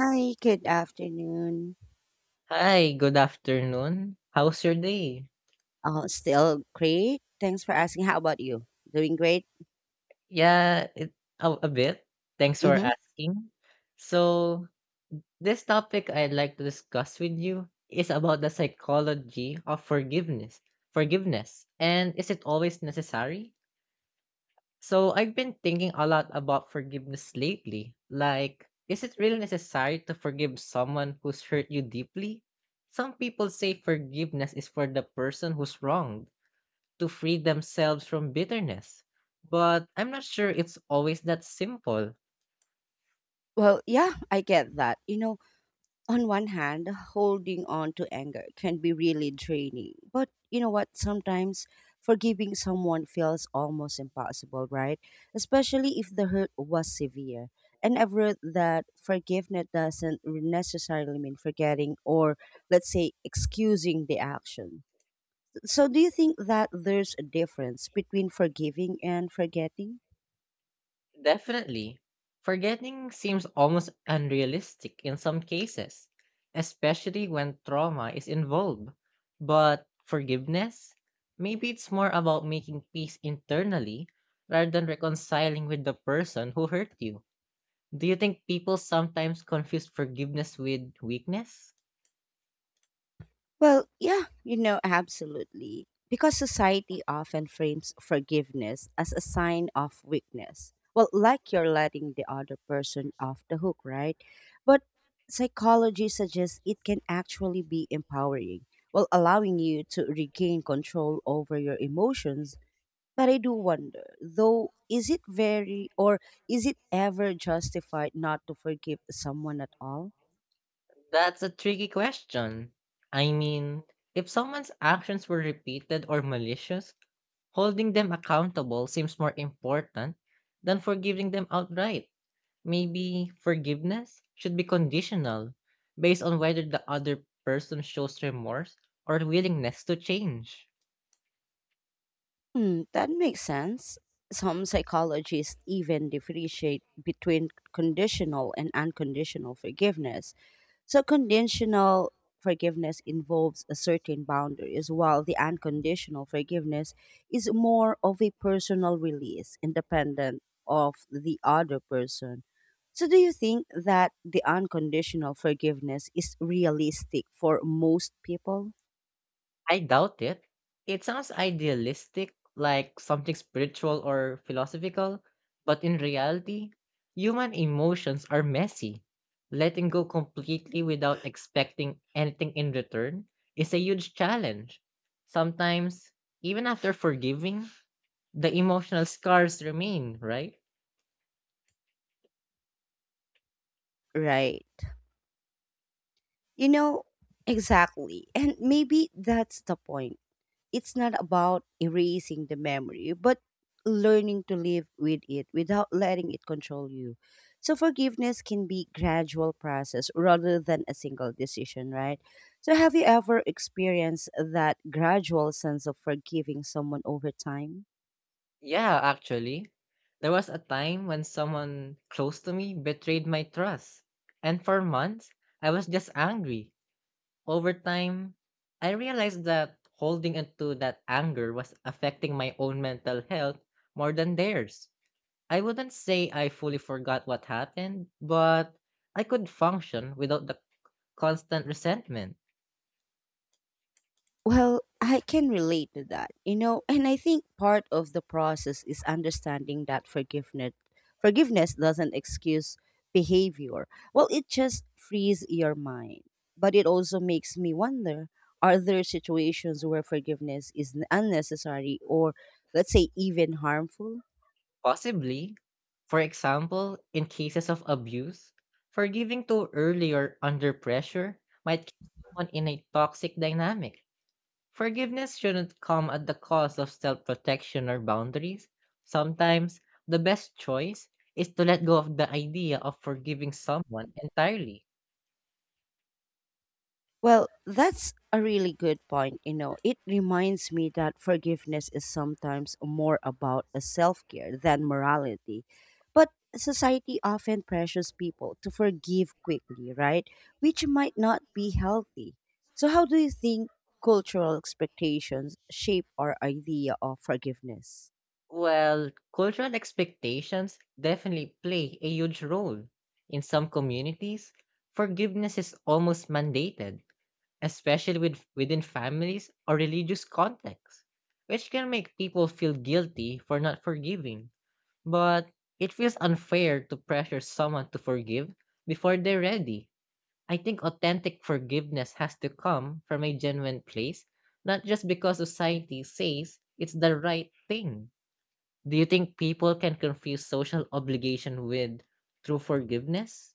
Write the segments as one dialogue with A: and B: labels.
A: Hi, good afternoon.
B: Hi, good afternoon. How's your day?
A: Oh, still great. Thanks for asking. How about you? Doing great?
B: Yeah, it a bit. Thanks for
A: Mm-hmm.
B: asking. So, this topic I'd like to discuss with you is about the psychology of forgiveness. Forgiveness. And is it always necessary? So, I've been thinking a lot about forgiveness lately. Like, is it really necessary to forgive someone who's hurt you deeply? Some people say forgiveness is for the person who's wronged to free themselves from bitterness. But I'm not sure it's always that simple.
A: Well, yeah, I get that. You know, on one hand, holding on to anger can be really draining. But you know what? Sometimes forgiving someone feels almost impossible, right? Especially if the hurt was severe. And I've read that forgiveness doesn't necessarily mean forgetting or, let's say, excusing the action. So, do you think that there's a difference between forgiving and forgetting?
B: Definitely, forgetting seems almost unrealistic in some cases, especially when trauma is involved. But forgiveness? Maybe it's more about making peace internally rather than reconciling with the person who hurt you. Do you think people sometimes confuse forgiveness with weakness?
A: Well, yeah, you know, absolutely. Because society often frames forgiveness as a sign of weakness. Well, like you're letting the other person off the hook, right? But psychology suggests it can actually be empowering, well, allowing you to regain control over your emotions. But I do wonder, though, is it ever justified not to forgive someone at all?
B: That's a tricky question. I mean, if someone's actions were repeated or malicious, holding them accountable seems more important than forgiving them outright. Maybe forgiveness should be conditional based on whether the other person shows remorse or willingness to change.
A: Hmm, that makes sense. Some psychologists even differentiate between conditional and unconditional forgiveness. So conditional forgiveness involves a certain boundaries, while the unconditional forgiveness is more of a personal release independent of the other person. So do you think that the unconditional forgiveness is realistic for most people?
B: I doubt it. It sounds idealistic, like something spiritual or philosophical, but in reality, human emotions are messy. Letting go completely without expecting anything in return is a huge challenge. Sometimes, even after forgiving, the emotional scars remain, right?
A: Right. You know, exactly. And maybe that's the point. It's not about erasing the memory, but learning to live with it without letting it control you. So forgiveness can be gradual process rather than a single decision, right? So have you ever experienced that gradual sense of forgiving someone over time?
B: Yeah, actually. There was a time when someone close to me betrayed my trust, and for months, I was just angry. Over time, I realized that holding onto that anger was affecting my own mental health more than theirs. I wouldn't say I fully forgot what happened, but I could function without the constant resentment.
A: Well, I can relate to that, you know, and I think part of the process is understanding that forgiveness doesn't excuse behavior. Well, it just frees your mind. But it also makes me wonder, are there situations where forgiveness is unnecessary or, let's say, even harmful?
B: Possibly, for example, in cases of abuse, forgiving too early or under pressure might keep someone in a toxic dynamic. Forgiveness shouldn't come at the cost of self protection or boundaries. Sometimes, the best choice is to let go of the idea of forgiving someone entirely.
A: Well, that's a really good point. You know, it reminds me that forgiveness is sometimes more about a self care than morality. But society often pressures people to forgive quickly, right? Which might not be healthy. So, how do you think cultural expectations shape our idea of forgiveness?
B: Well, cultural expectations definitely play a huge role. In some communities, forgiveness is almost mandated, especially within families or religious contexts, which can make people feel guilty for not forgiving. But it feels unfair to pressure someone to forgive before they're ready. I think authentic forgiveness has to come from a genuine place, not just because society says it's the right thing. Do you think people can confuse social obligation with true forgiveness?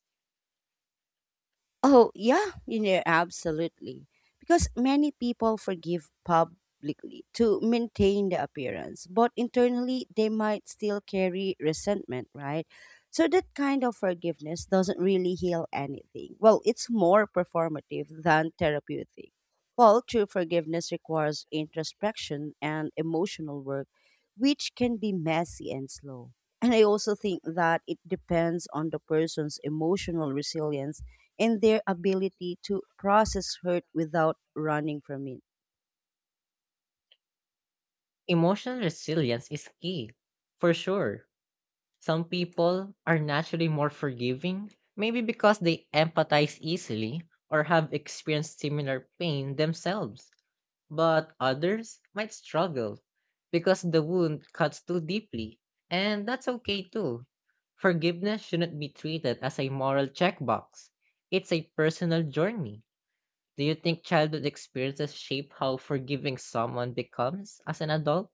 A: Oh, yeah, you know, absolutely. Because many people forgive publicly to maintain the appearance, but internally they might still carry resentment, right? So that kind of forgiveness doesn't really heal anything. Well, it's more performative than therapeutic. Well, true forgiveness requires introspection and emotional work, which can be messy and slow. And I also think that it depends on the person's emotional resilience and their ability to process hurt without running from it.
B: Emotional resilience is key, for sure. Some people are naturally more forgiving, maybe because they empathize easily or have experienced similar pain themselves, but others might struggle because the wound cuts too deeply. And that's okay too. Forgiveness shouldn't be treated as a moral checkbox, it's a personal journey. Do you think childhood experiences shape how forgiving someone becomes as an adult?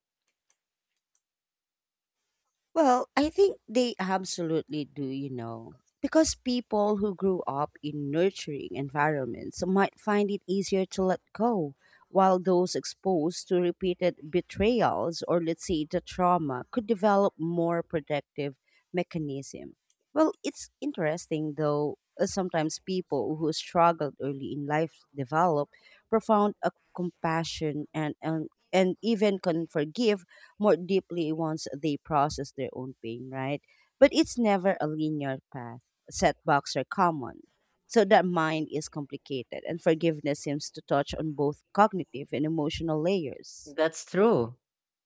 A: Well, I think they absolutely do, you know, because people who grew up in nurturing environments might find it easier to let go, while those exposed to repeated betrayals or, let's say, the trauma could develop more protective mechanism. Well, it's interesting though, sometimes people who struggled early in life develop profound compassion and even can forgive more deeply once they process their own pain, right? But it's never a linear path. Setbacks are common. So that mind is complicated, and forgiveness seems to touch on both cognitive and emotional layers.
B: That's true.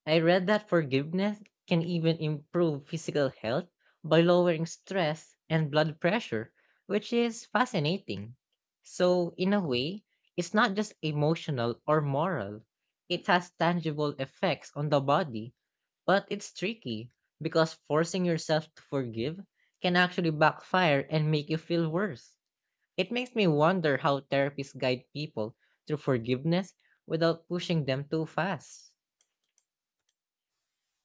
B: I read that forgiveness can even improve physical health by lowering stress and blood pressure, which is fascinating. So, in a way, it's not just emotional or moral, it has tangible effects on the body, but it's tricky because forcing yourself to forgive can actually backfire and make you feel worse. It makes me wonder how therapists guide people through forgiveness without pushing them too fast.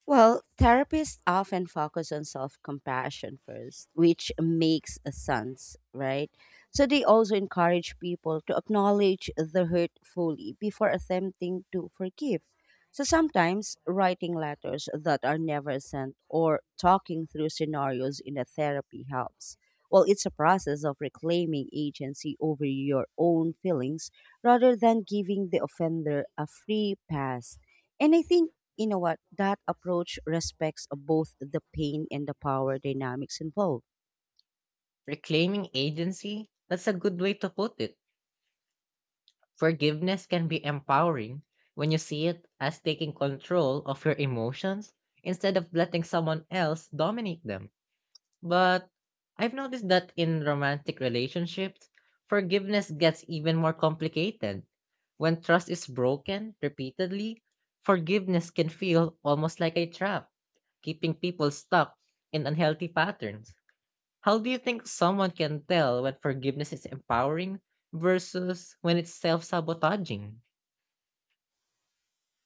A: Well, therapists often focus on self compassion first, which makes a sense, right? So they also encourage people to acknowledge the hurt fully before attempting to forgive. So sometimes writing letters that are never sent or talking through scenarios in a therapy helps. Well, it's a process of reclaiming agency over your own feelings rather than giving the offender a free pass. And I think, you know what, that approach respects both the pain and the power dynamics involved.
B: Reclaiming agency? That's a good way to put it. Forgiveness can be empowering when you see it as taking control of your emotions instead of letting someone else dominate them. But I've noticed that in romantic relationships, forgiveness gets even more complicated. When trust is broken repeatedly, forgiveness can feel almost like a trap, keeping people stuck in unhealthy patterns. How do you think someone can tell when forgiveness is empowering versus when it's self sabotaging?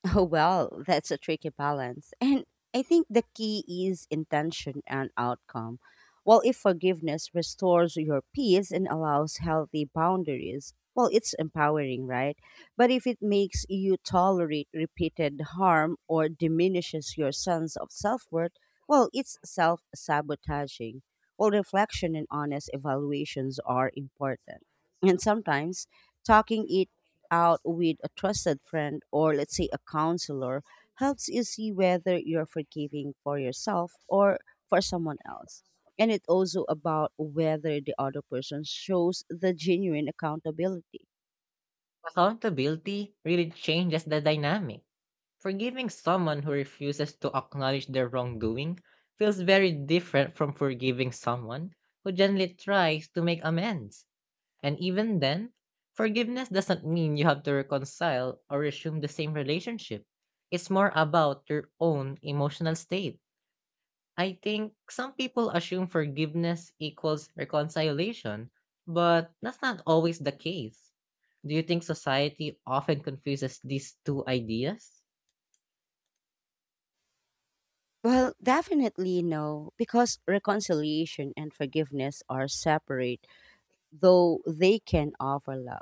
A: Oh, well, that's a tricky balance. And I think the key is intention and outcome. Well, if forgiveness restores your peace and allows healthy boundaries, well, it's empowering, right? But if it makes you tolerate repeated harm or diminishes your sense of self worth, well, it's self sabotaging. Well, reflection and honest evaluations are important. And sometimes talking it out with a trusted friend or, let's say, a counselor helps you see whether you're forgiving for yourself or for someone else. And it's also about whether the other person shows the genuine accountability.
B: Accountability really changes the dynamic. Forgiving someone who refuses to acknowledge their wrongdoing feels very different from forgiving someone who gently tries to make amends. And even then, forgiveness doesn't mean you have to reconcile or resume the same relationship. It's more about your own emotional state. I think some people assume forgiveness equals reconciliation, but that's not always the case. Do you think society often confuses these two ideas?
A: Well, definitely no, because reconciliation and forgiveness are separate though they can offer love.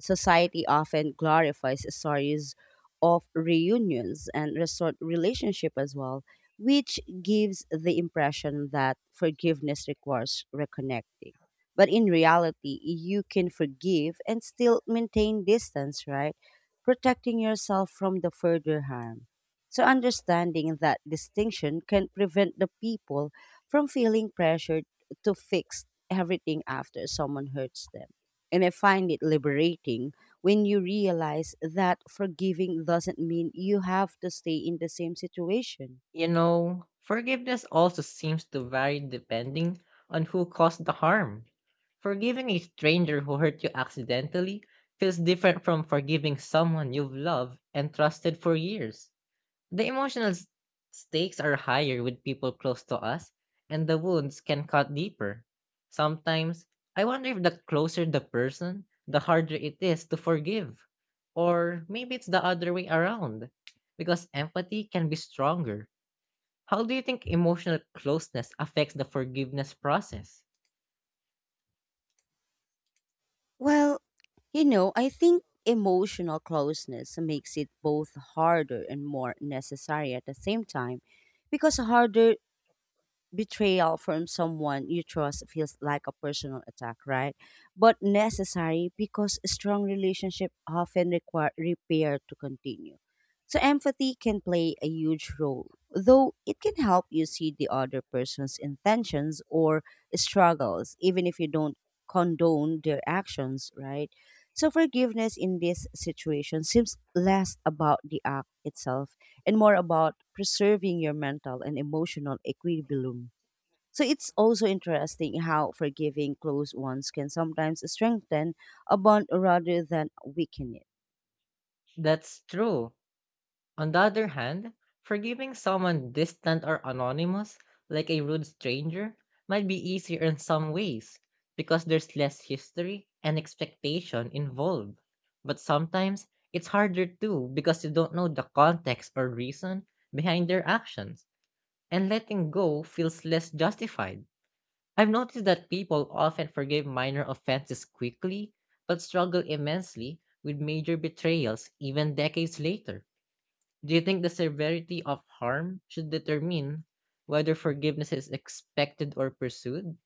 A: Society often glorifies stories of reunions and resort relationship as well, which gives the impression that forgiveness requires reconnecting. But in reality, you can forgive and still maintain distance, right? Protecting yourself from the further harm. So, understanding that distinction can prevent the people from feeling pressured to fix everything after someone hurts them. And I find it liberating when you realize that forgiving doesn't mean you have to stay in the same situation.
B: You know, forgiveness also seems to vary depending on who caused the harm. Forgiving a stranger who hurt you accidentally feels different from forgiving someone you've loved and trusted for years. The stakes are higher with people close to us, and the wounds can cut deeper. Sometimes, I wonder if the closer the person, the harder it is to forgive. Or maybe it's the other way around, because empathy can be stronger. How do you think emotional closeness affects the forgiveness process?
A: Well, you know, I think emotional closeness makes it both harder and more necessary at the same time because harder betrayal from someone you trust feels like a personal attack, right? But necessary because strong relationship often require repair to continue. So empathy can play a huge role, though it can help you see the other person's intentions or struggles, even if you don't condone their actions, right? So forgiveness in this situation seems less about the act itself and more about preserving your mental and emotional equilibrium. So it's also interesting how forgiving close ones can sometimes strengthen a bond rather than weaken it.
B: That's true. On the other hand, forgiving someone distant or anonymous, like a rude stranger, might be easier in some ways because there's less history and expectation involved. But sometimes it's harder too because you don't know the context or reason behind their actions, and letting go feels less justified. I've noticed that people often forgive minor offenses quickly, but struggle immensely with major betrayals even decades later. Do you think the severity of harm should determine whether forgiveness is expected or pursued?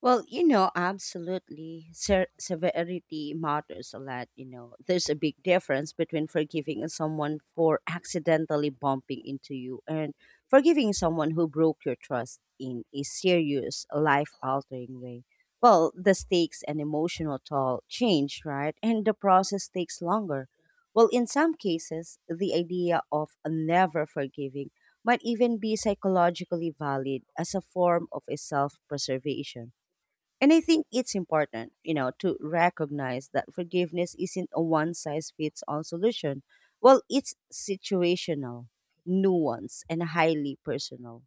A: Well, you know, absolutely. Severity matters a lot. You know, there's a big difference between forgiving someone for accidentally bumping into you and forgiving someone who broke your trust in a serious, life altering way. Well, the stakes and emotional toll change, right? And the process takes longer. Well, in some cases, the idea of never forgiving might even be psychologically valid as a form of a self preservation. And I think it's important, you know, to recognize that forgiveness isn't a one size fits all solution. Well, it's situational, nuanced, and highly personal.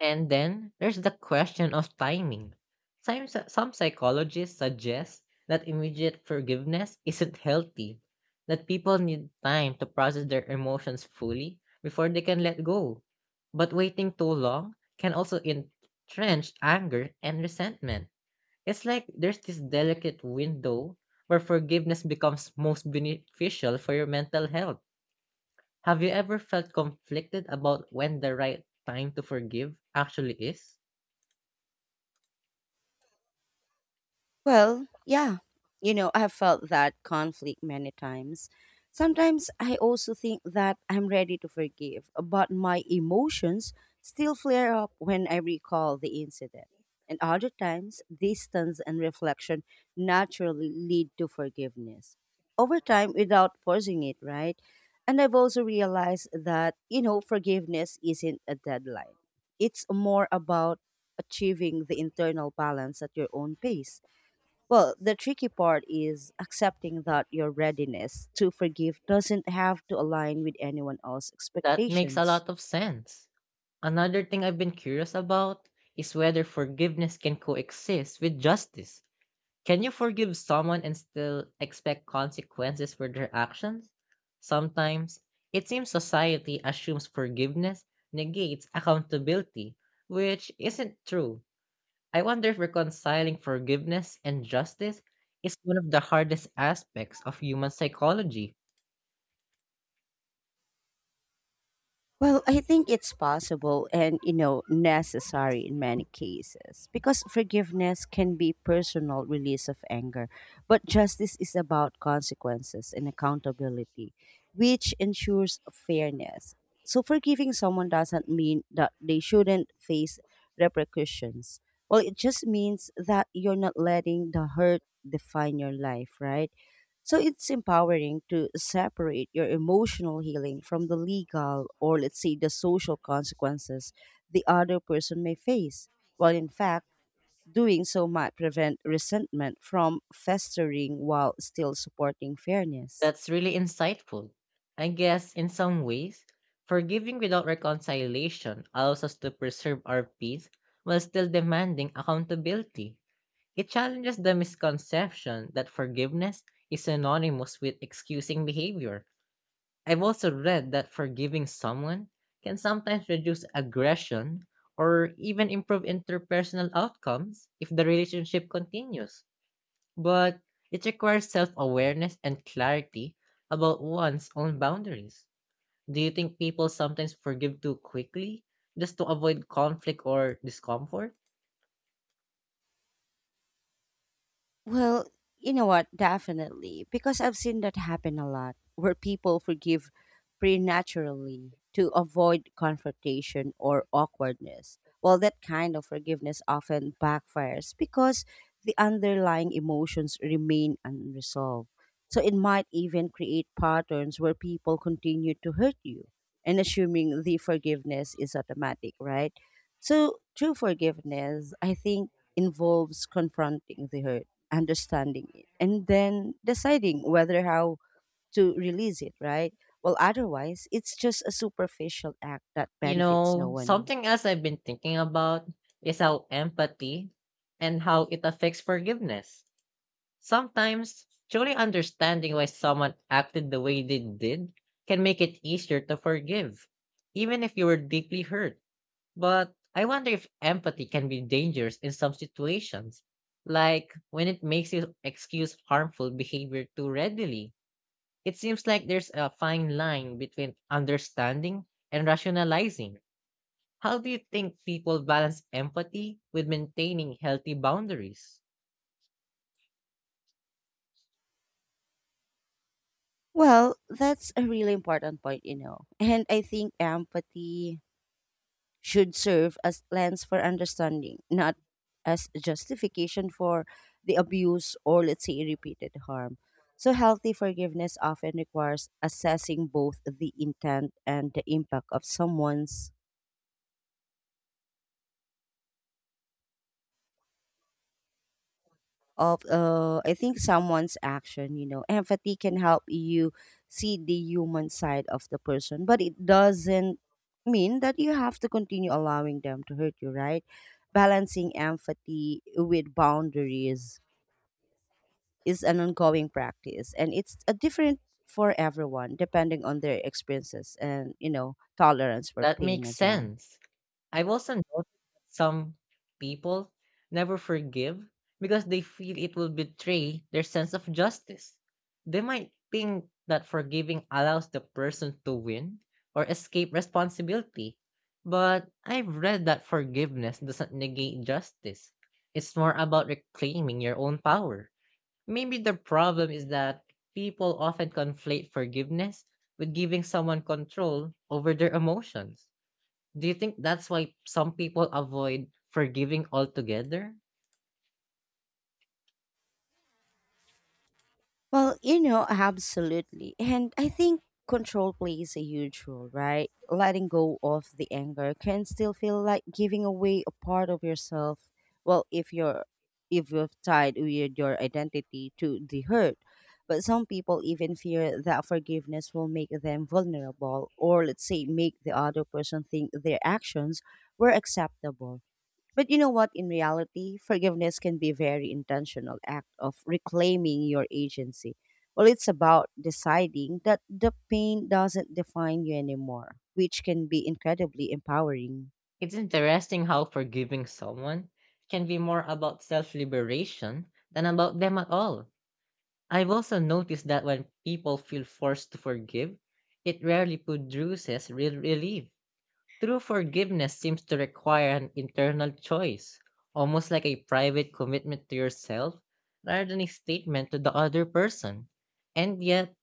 B: And then there's the question of timing. Some psychologists suggest that immediate forgiveness isn't healthy, that people need time to process their emotions fully before they can let go. But waiting too long can also entrench anger and resentment. It's like there's this delicate window where forgiveness becomes most beneficial for your mental health. Have you ever felt conflicted about when the right time to forgive actually is?
A: Well, yeah. You know, I've felt that conflict many times. Sometimes I also think that I'm ready to forgive, but my emotions still flare up when I recall the incident. And other times, distance and reflection naturally lead to forgiveness over time without forcing it, right? And I've also realized that, you know, forgiveness isn't a deadline, it's more about achieving the internal balance at your own pace. Well, the tricky part is accepting that your readiness to forgive doesn't have to align with anyone else's
B: That makes a
A: expectations.
B: lot of sense. Another thing I've been curious about is whether forgiveness can coexist with justice. Can you forgive someone and still expect consequences for their actions? Sometimes, it seems society assumes forgiveness negates accountability, which isn't true. I wonder if reconciling forgiveness and justice is one of the hardest aspects of human psychology.
A: Well, I think it's possible and, you know, necessary in many cases because forgiveness can be personal release of anger, but justice is about consequences and accountability, which ensures fairness. So forgiving someone doesn't mean that they shouldn't face repercussions. Well, it just means that you're not letting the hurt define your life, right? So it's empowering to separate your emotional healing from the legal or, let's say, the social consequences the other person may face. While in fact, doing so might prevent resentment from festering while still supporting fairness.
B: That's really insightful. I guess, in some ways, forgiving without reconciliation allows us to preserve our peace while still demanding accountability. It challenges the misconception that forgiveness is synonymous with excusing behavior. I've also read that forgiving someone can sometimes reduce aggression or even improve interpersonal outcomes if the relationship continues. But it requires self awareness and clarity about one's own boundaries. Do you think people sometimes forgive too quickly just to avoid conflict or discomfort?
A: Well, you know what? Definitely. Because I've seen that happen a lot where people forgive preternaturally to avoid confrontation or awkwardness. Well, that kind of forgiveness often backfires because the underlying emotions remain unresolved. So it might even create patterns where people continue to hurt you and assuming the forgiveness is automatic, right? So true forgiveness, I think, involves confronting the hurt understanding it, and then deciding whether how to release it, right? Well, otherwise, it's just a superficial act that
B: You
A: benefits no
B: know,
A: one.
B: something else I've been thinking about is how empathy and how it affects forgiveness. Sometimes, truly understanding why someone acted the way they did can make it easier to forgive, even if you were deeply hurt. But I wonder if empathy can be dangerous in some situations, like when it makes you excuse harmful behavior too readily. It seems like there's a fine line between understanding and rationalizing. How do you think people balance empathy with maintaining healthy boundaries?
A: Well, that's a really important point, you know. And I think empathy should serve as lens for understanding, not as justification for the abuse or, let's say, repeated harm. So healthy forgiveness often requires assessing both the intent and the impact of someone's of I think someone's action, you know. Empathy can help you see the human side of the person, but it doesn't mean that you have to continue allowing them to hurt you, right? Balancing empathy with boundaries is an ongoing practice and it's a different for everyone depending on their experiences and you know tolerance for
B: That
A: pain
B: makes
A: as well.
B: sense. I've also noticed that some people never forgive because they feel it will betray their sense of justice. They might think that forgiving allows the person to win or escape responsibility. But I've read that forgiveness doesn't negate justice. It's more about reclaiming your own power. Maybe the problem is that people often conflate forgiveness with giving someone control over their emotions. Do you think that's why some people avoid forgiving altogether?
A: Well, you know, absolutely. And I think control plays a huge role, right? Letting go of the anger can still feel like giving away a part of yourself. Well, if you've tied with your identity to the hurt. But some people even fear that forgiveness will make them vulnerable or, let's say, make the other person think their actions were acceptable but you know what? In reality, forgiveness can be a very intentional act of reclaiming your agency. Well, it's about deciding that the pain doesn't define you anymore, which can be incredibly empowering.
B: It's interesting how forgiving someone can be more about self liberation than about them at all. I've also noticed that when people feel forced to forgive, it rarely produces real relief. True forgiveness seems to require an internal choice, almost like a private commitment to yourself rather than a statement to the other person. And yet,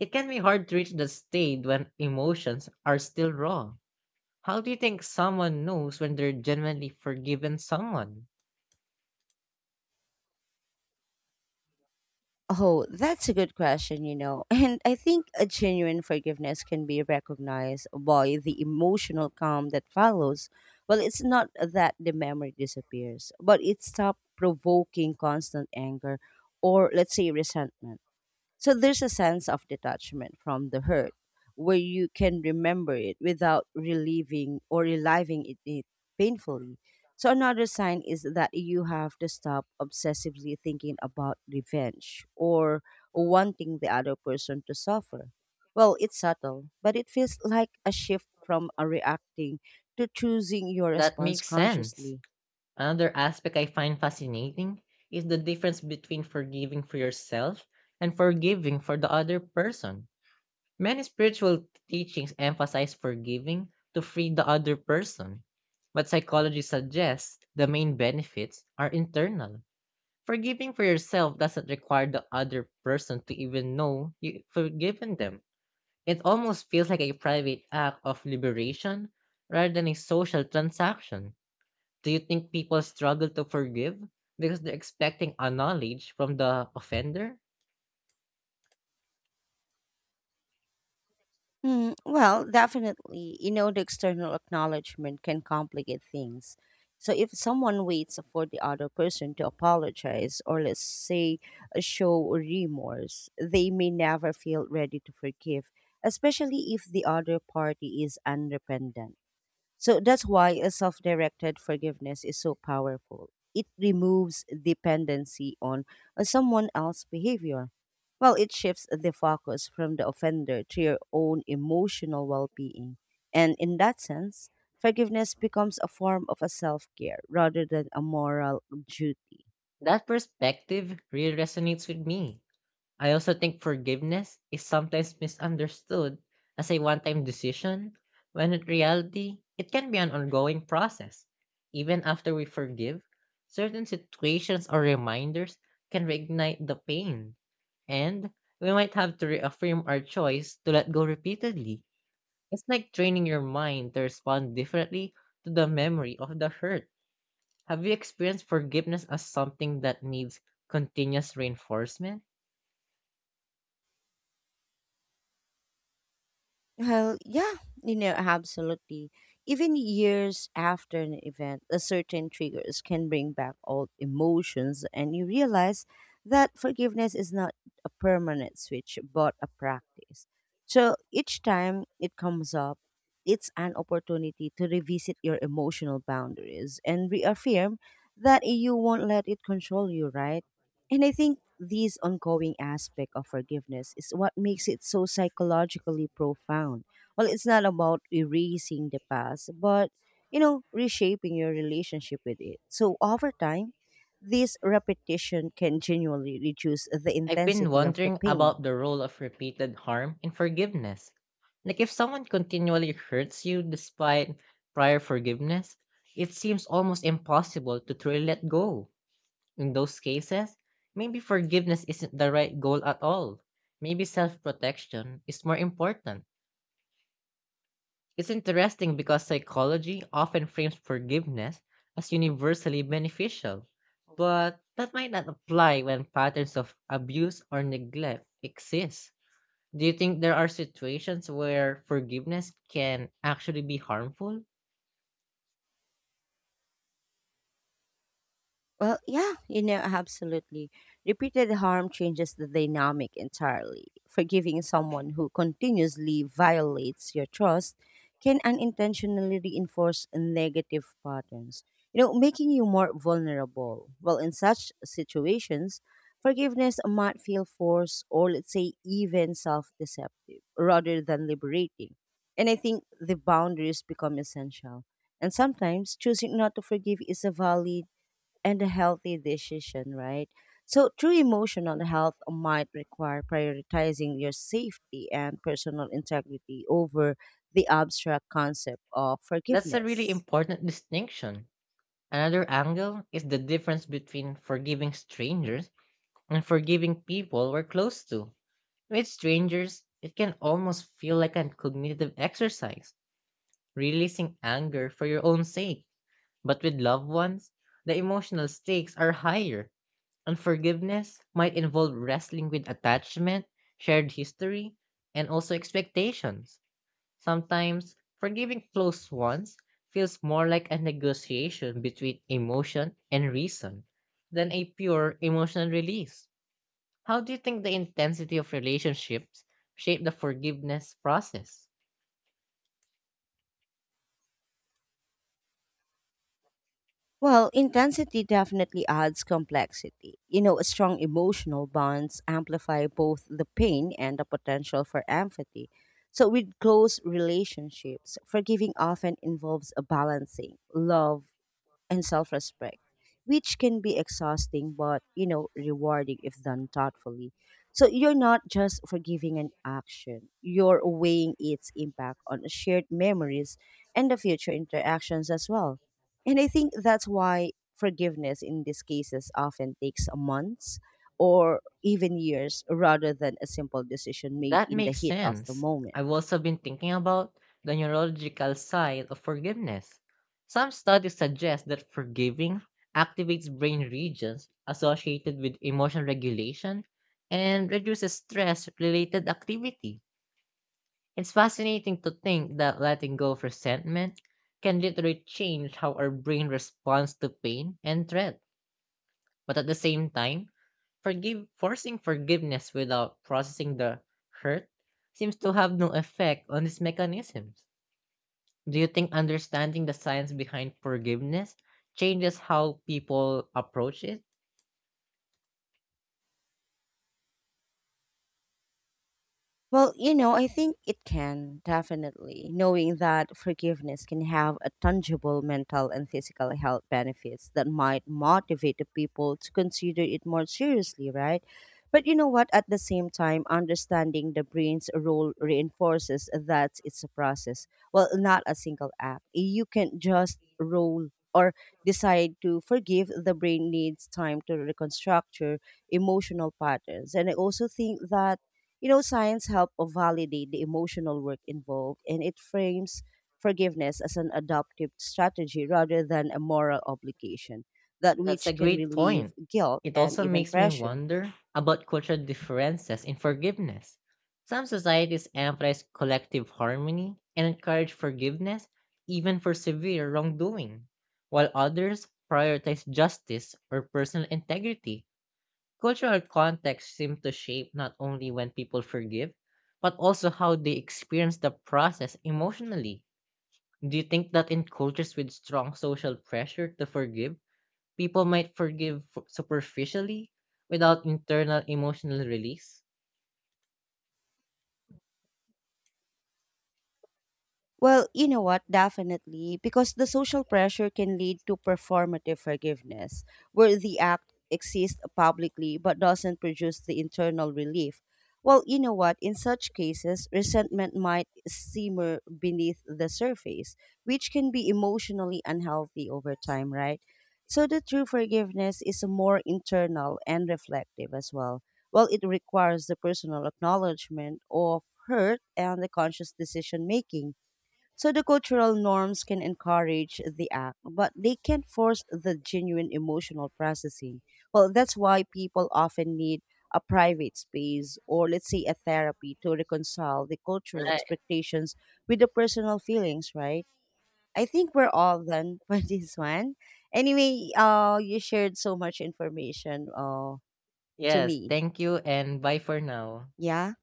B: it can be hard to reach the state when emotions are still raw. How do you think someone knows when they're genuinely forgiven someone?
A: Oh, that's a good question, you know. And I think a genuine forgiveness can be recognized by the emotional calm that follows. Well, it's not that the memory disappears, but it stops provoking constant anger or, let's say, resentment. So there's a sense of detachment from the hurt where you can remember it without relieving or reliving it painfully. So another sign is that you have to stop obsessively thinking about revenge or wanting the other person to suffer. Well, it's subtle, but it feels like a shift from a reacting to choosing your
B: That
A: response
B: makes sense.
A: consciously.
B: Another aspect I find fascinating is the difference between forgiving for yourself and forgiving for the other person. Many spiritual teachings emphasize forgiving to free the other person, but psychology suggests the main benefits are internal. Forgiving for yourself doesn't require the other person to even know you've forgiven them. It almost feels like a private act of liberation rather than a social transaction. Do you think people struggle to forgive because they're expecting a knowledge from the offender?
A: Well, definitely, the external acknowledgement can complicate things. So if someone waits for the other person to apologize or let's say show remorse, they may never feel ready to forgive, especially if the other party is unrepentant. So that's why a self directed forgiveness is so powerful. It removes dependency on someone else's behavior. Well, it shifts the focus from the offender to your own emotional well being. And in that sense, forgiveness becomes a form of a self care rather than a moral duty.
B: That perspective really resonates with me. I also think forgiveness is sometimes misunderstood as a one time decision, when in reality, it can be an ongoing process. Even after we forgive, certain situations or reminders can reignite the pain, and we might have to reaffirm our choice to let go repeatedly. It's like training your mind to respond differently to the memory of the hurt. Have you experienced forgiveness as something that needs continuous reinforcement?
A: Well, yeah, absolutely. Even years after an event, a certain triggers can bring back old emotions, and you realize that forgiveness is not a permanent switch, but a practice. So each time it comes up, it's an opportunity to revisit your emotional boundaries and reaffirm that you won't let it control you, right? And I think these ongoing aspect of forgiveness is what makes it so psychologically profound. Well, it's not about erasing the past, but reshaping your relationship with it. So over time, this repetition can genuinely reduce the
B: I've been
A: intensity of the
B: wondering
A: pain.
B: about the role of repeated harm in forgiveness. Like, if someone continually hurts you despite prior forgiveness, it seems almost impossible to truly let go. In those cases, maybe forgiveness isn't the right goal at all. Maybe self protection is more important. It's interesting because psychology often frames forgiveness as universally beneficial, but that might not apply when patterns of abuse or neglect exist. Do you think there are situations where forgiveness can actually be harmful?
A: Well, yeah, absolutely. Repeated harm changes the dynamic entirely. Forgiving someone who continuously violates your trust can unintentionally reinforce negative patterns, making you more vulnerable. Well, in such situations, forgiveness might feel forced or, let's say, even self deceptive rather than liberating. And I think the boundaries become essential. And sometimes choosing not to forgive is a valid and a healthy decision, right? So, true emotional health might require prioritizing your safety and personal integrity over the abstract concept of
B: That's a really
A: forgiveness.
B: important distinction. Another angle is the difference between forgiving strangers and forgiving people we're close to. With strangers, it can almost feel like a cognitive exercise, releasing anger for your own sake. But with loved ones, the emotional stakes are higher. Unforgiveness might involve wrestling with attachment, shared history, and also expectations. Sometimes, forgiving close ones feels more like a negotiation between emotion and reason than a pure emotional release. How do you think the intensity of relationships shape the forgiveness process?
A: Well, intensity definitely adds complexity. You know, strong emotional bonds amplify both the pain and the potential for empathy. So, with close relationships, forgiving often involves a balancing love and self-respect, which can be exhausting but, you know, rewarding if done thoughtfully. So you're not just forgiving an action, you're weighing its impact on shared memories and the future interactions as well. And I think that's why forgiveness in these cases often takes months or even years rather than a simple decision made
B: That
A: in the
B: makes
A: heat of the
B: sense.
A: moment.
B: I've also been thinking about the neurological side of forgiveness. Some studies suggest that forgiving activates brain regions associated with emotional regulation and reduces stress related activity. It's fascinating to think that letting go of resentment can literally change how our brain responds to pain and threat. But at the same time, Forgive forcing forgiveness without processing the hurt seems to have no effect on these mechanisms. Do you think understanding the science behind forgiveness changes how people approach it?
A: Well, I think it can definitely, knowing that forgiveness can have a tangible mental and physical health benefits that might motivate the people to consider it more seriously, right? But you know what? At the same time, understanding the brain's role reinforces that it's a process. Well, not a single act. You can just roll or decide to forgive. The brain needs time to reconstruct your emotional patterns. And I also think that, signs help validate the emotional work involved and it frames forgiveness as an adaptive strategy rather than a moral obligation, that
B: That's a
A: which can
B: great
A: relieve
B: point.
A: guilt
B: It
A: and
B: also
A: even
B: makes me
A: pressure.
B: wonder about cultural differences in forgiveness. Some societies emphasize collective harmony and encourage forgiveness even for severe wrongdoing, while others prioritize justice or personal integrity. Cultural context seem to shape not only when people forgive, but also how they experience the process emotionally. Do you think that in cultures with strong social pressure to forgive, people might superficially without internal emotional release?
A: Well, you know what? Definitely. Because the social pressure can lead to performative forgiveness, where the act exists publicly but doesn't produce the internal relief. Well, you know what? In such cases, resentment might simmer beneath the surface, which can be emotionally unhealthy over time, right? So, the true forgiveness is more internal and reflective as well. Well, it requires the personal acknowledgement of hurt and the conscious decision making, so the cultural norms can encourage the act, but they can't force the genuine emotional processing. Well, that's why people often need a private space or let's say a therapy to reconcile the cultural
B: Right.
A: expectations with the personal feelings, right? I think we're all done for this one. Anyway, you shared so much information to
B: Yes.
A: me.
B: Thank you and bye for now.
A: Yeah.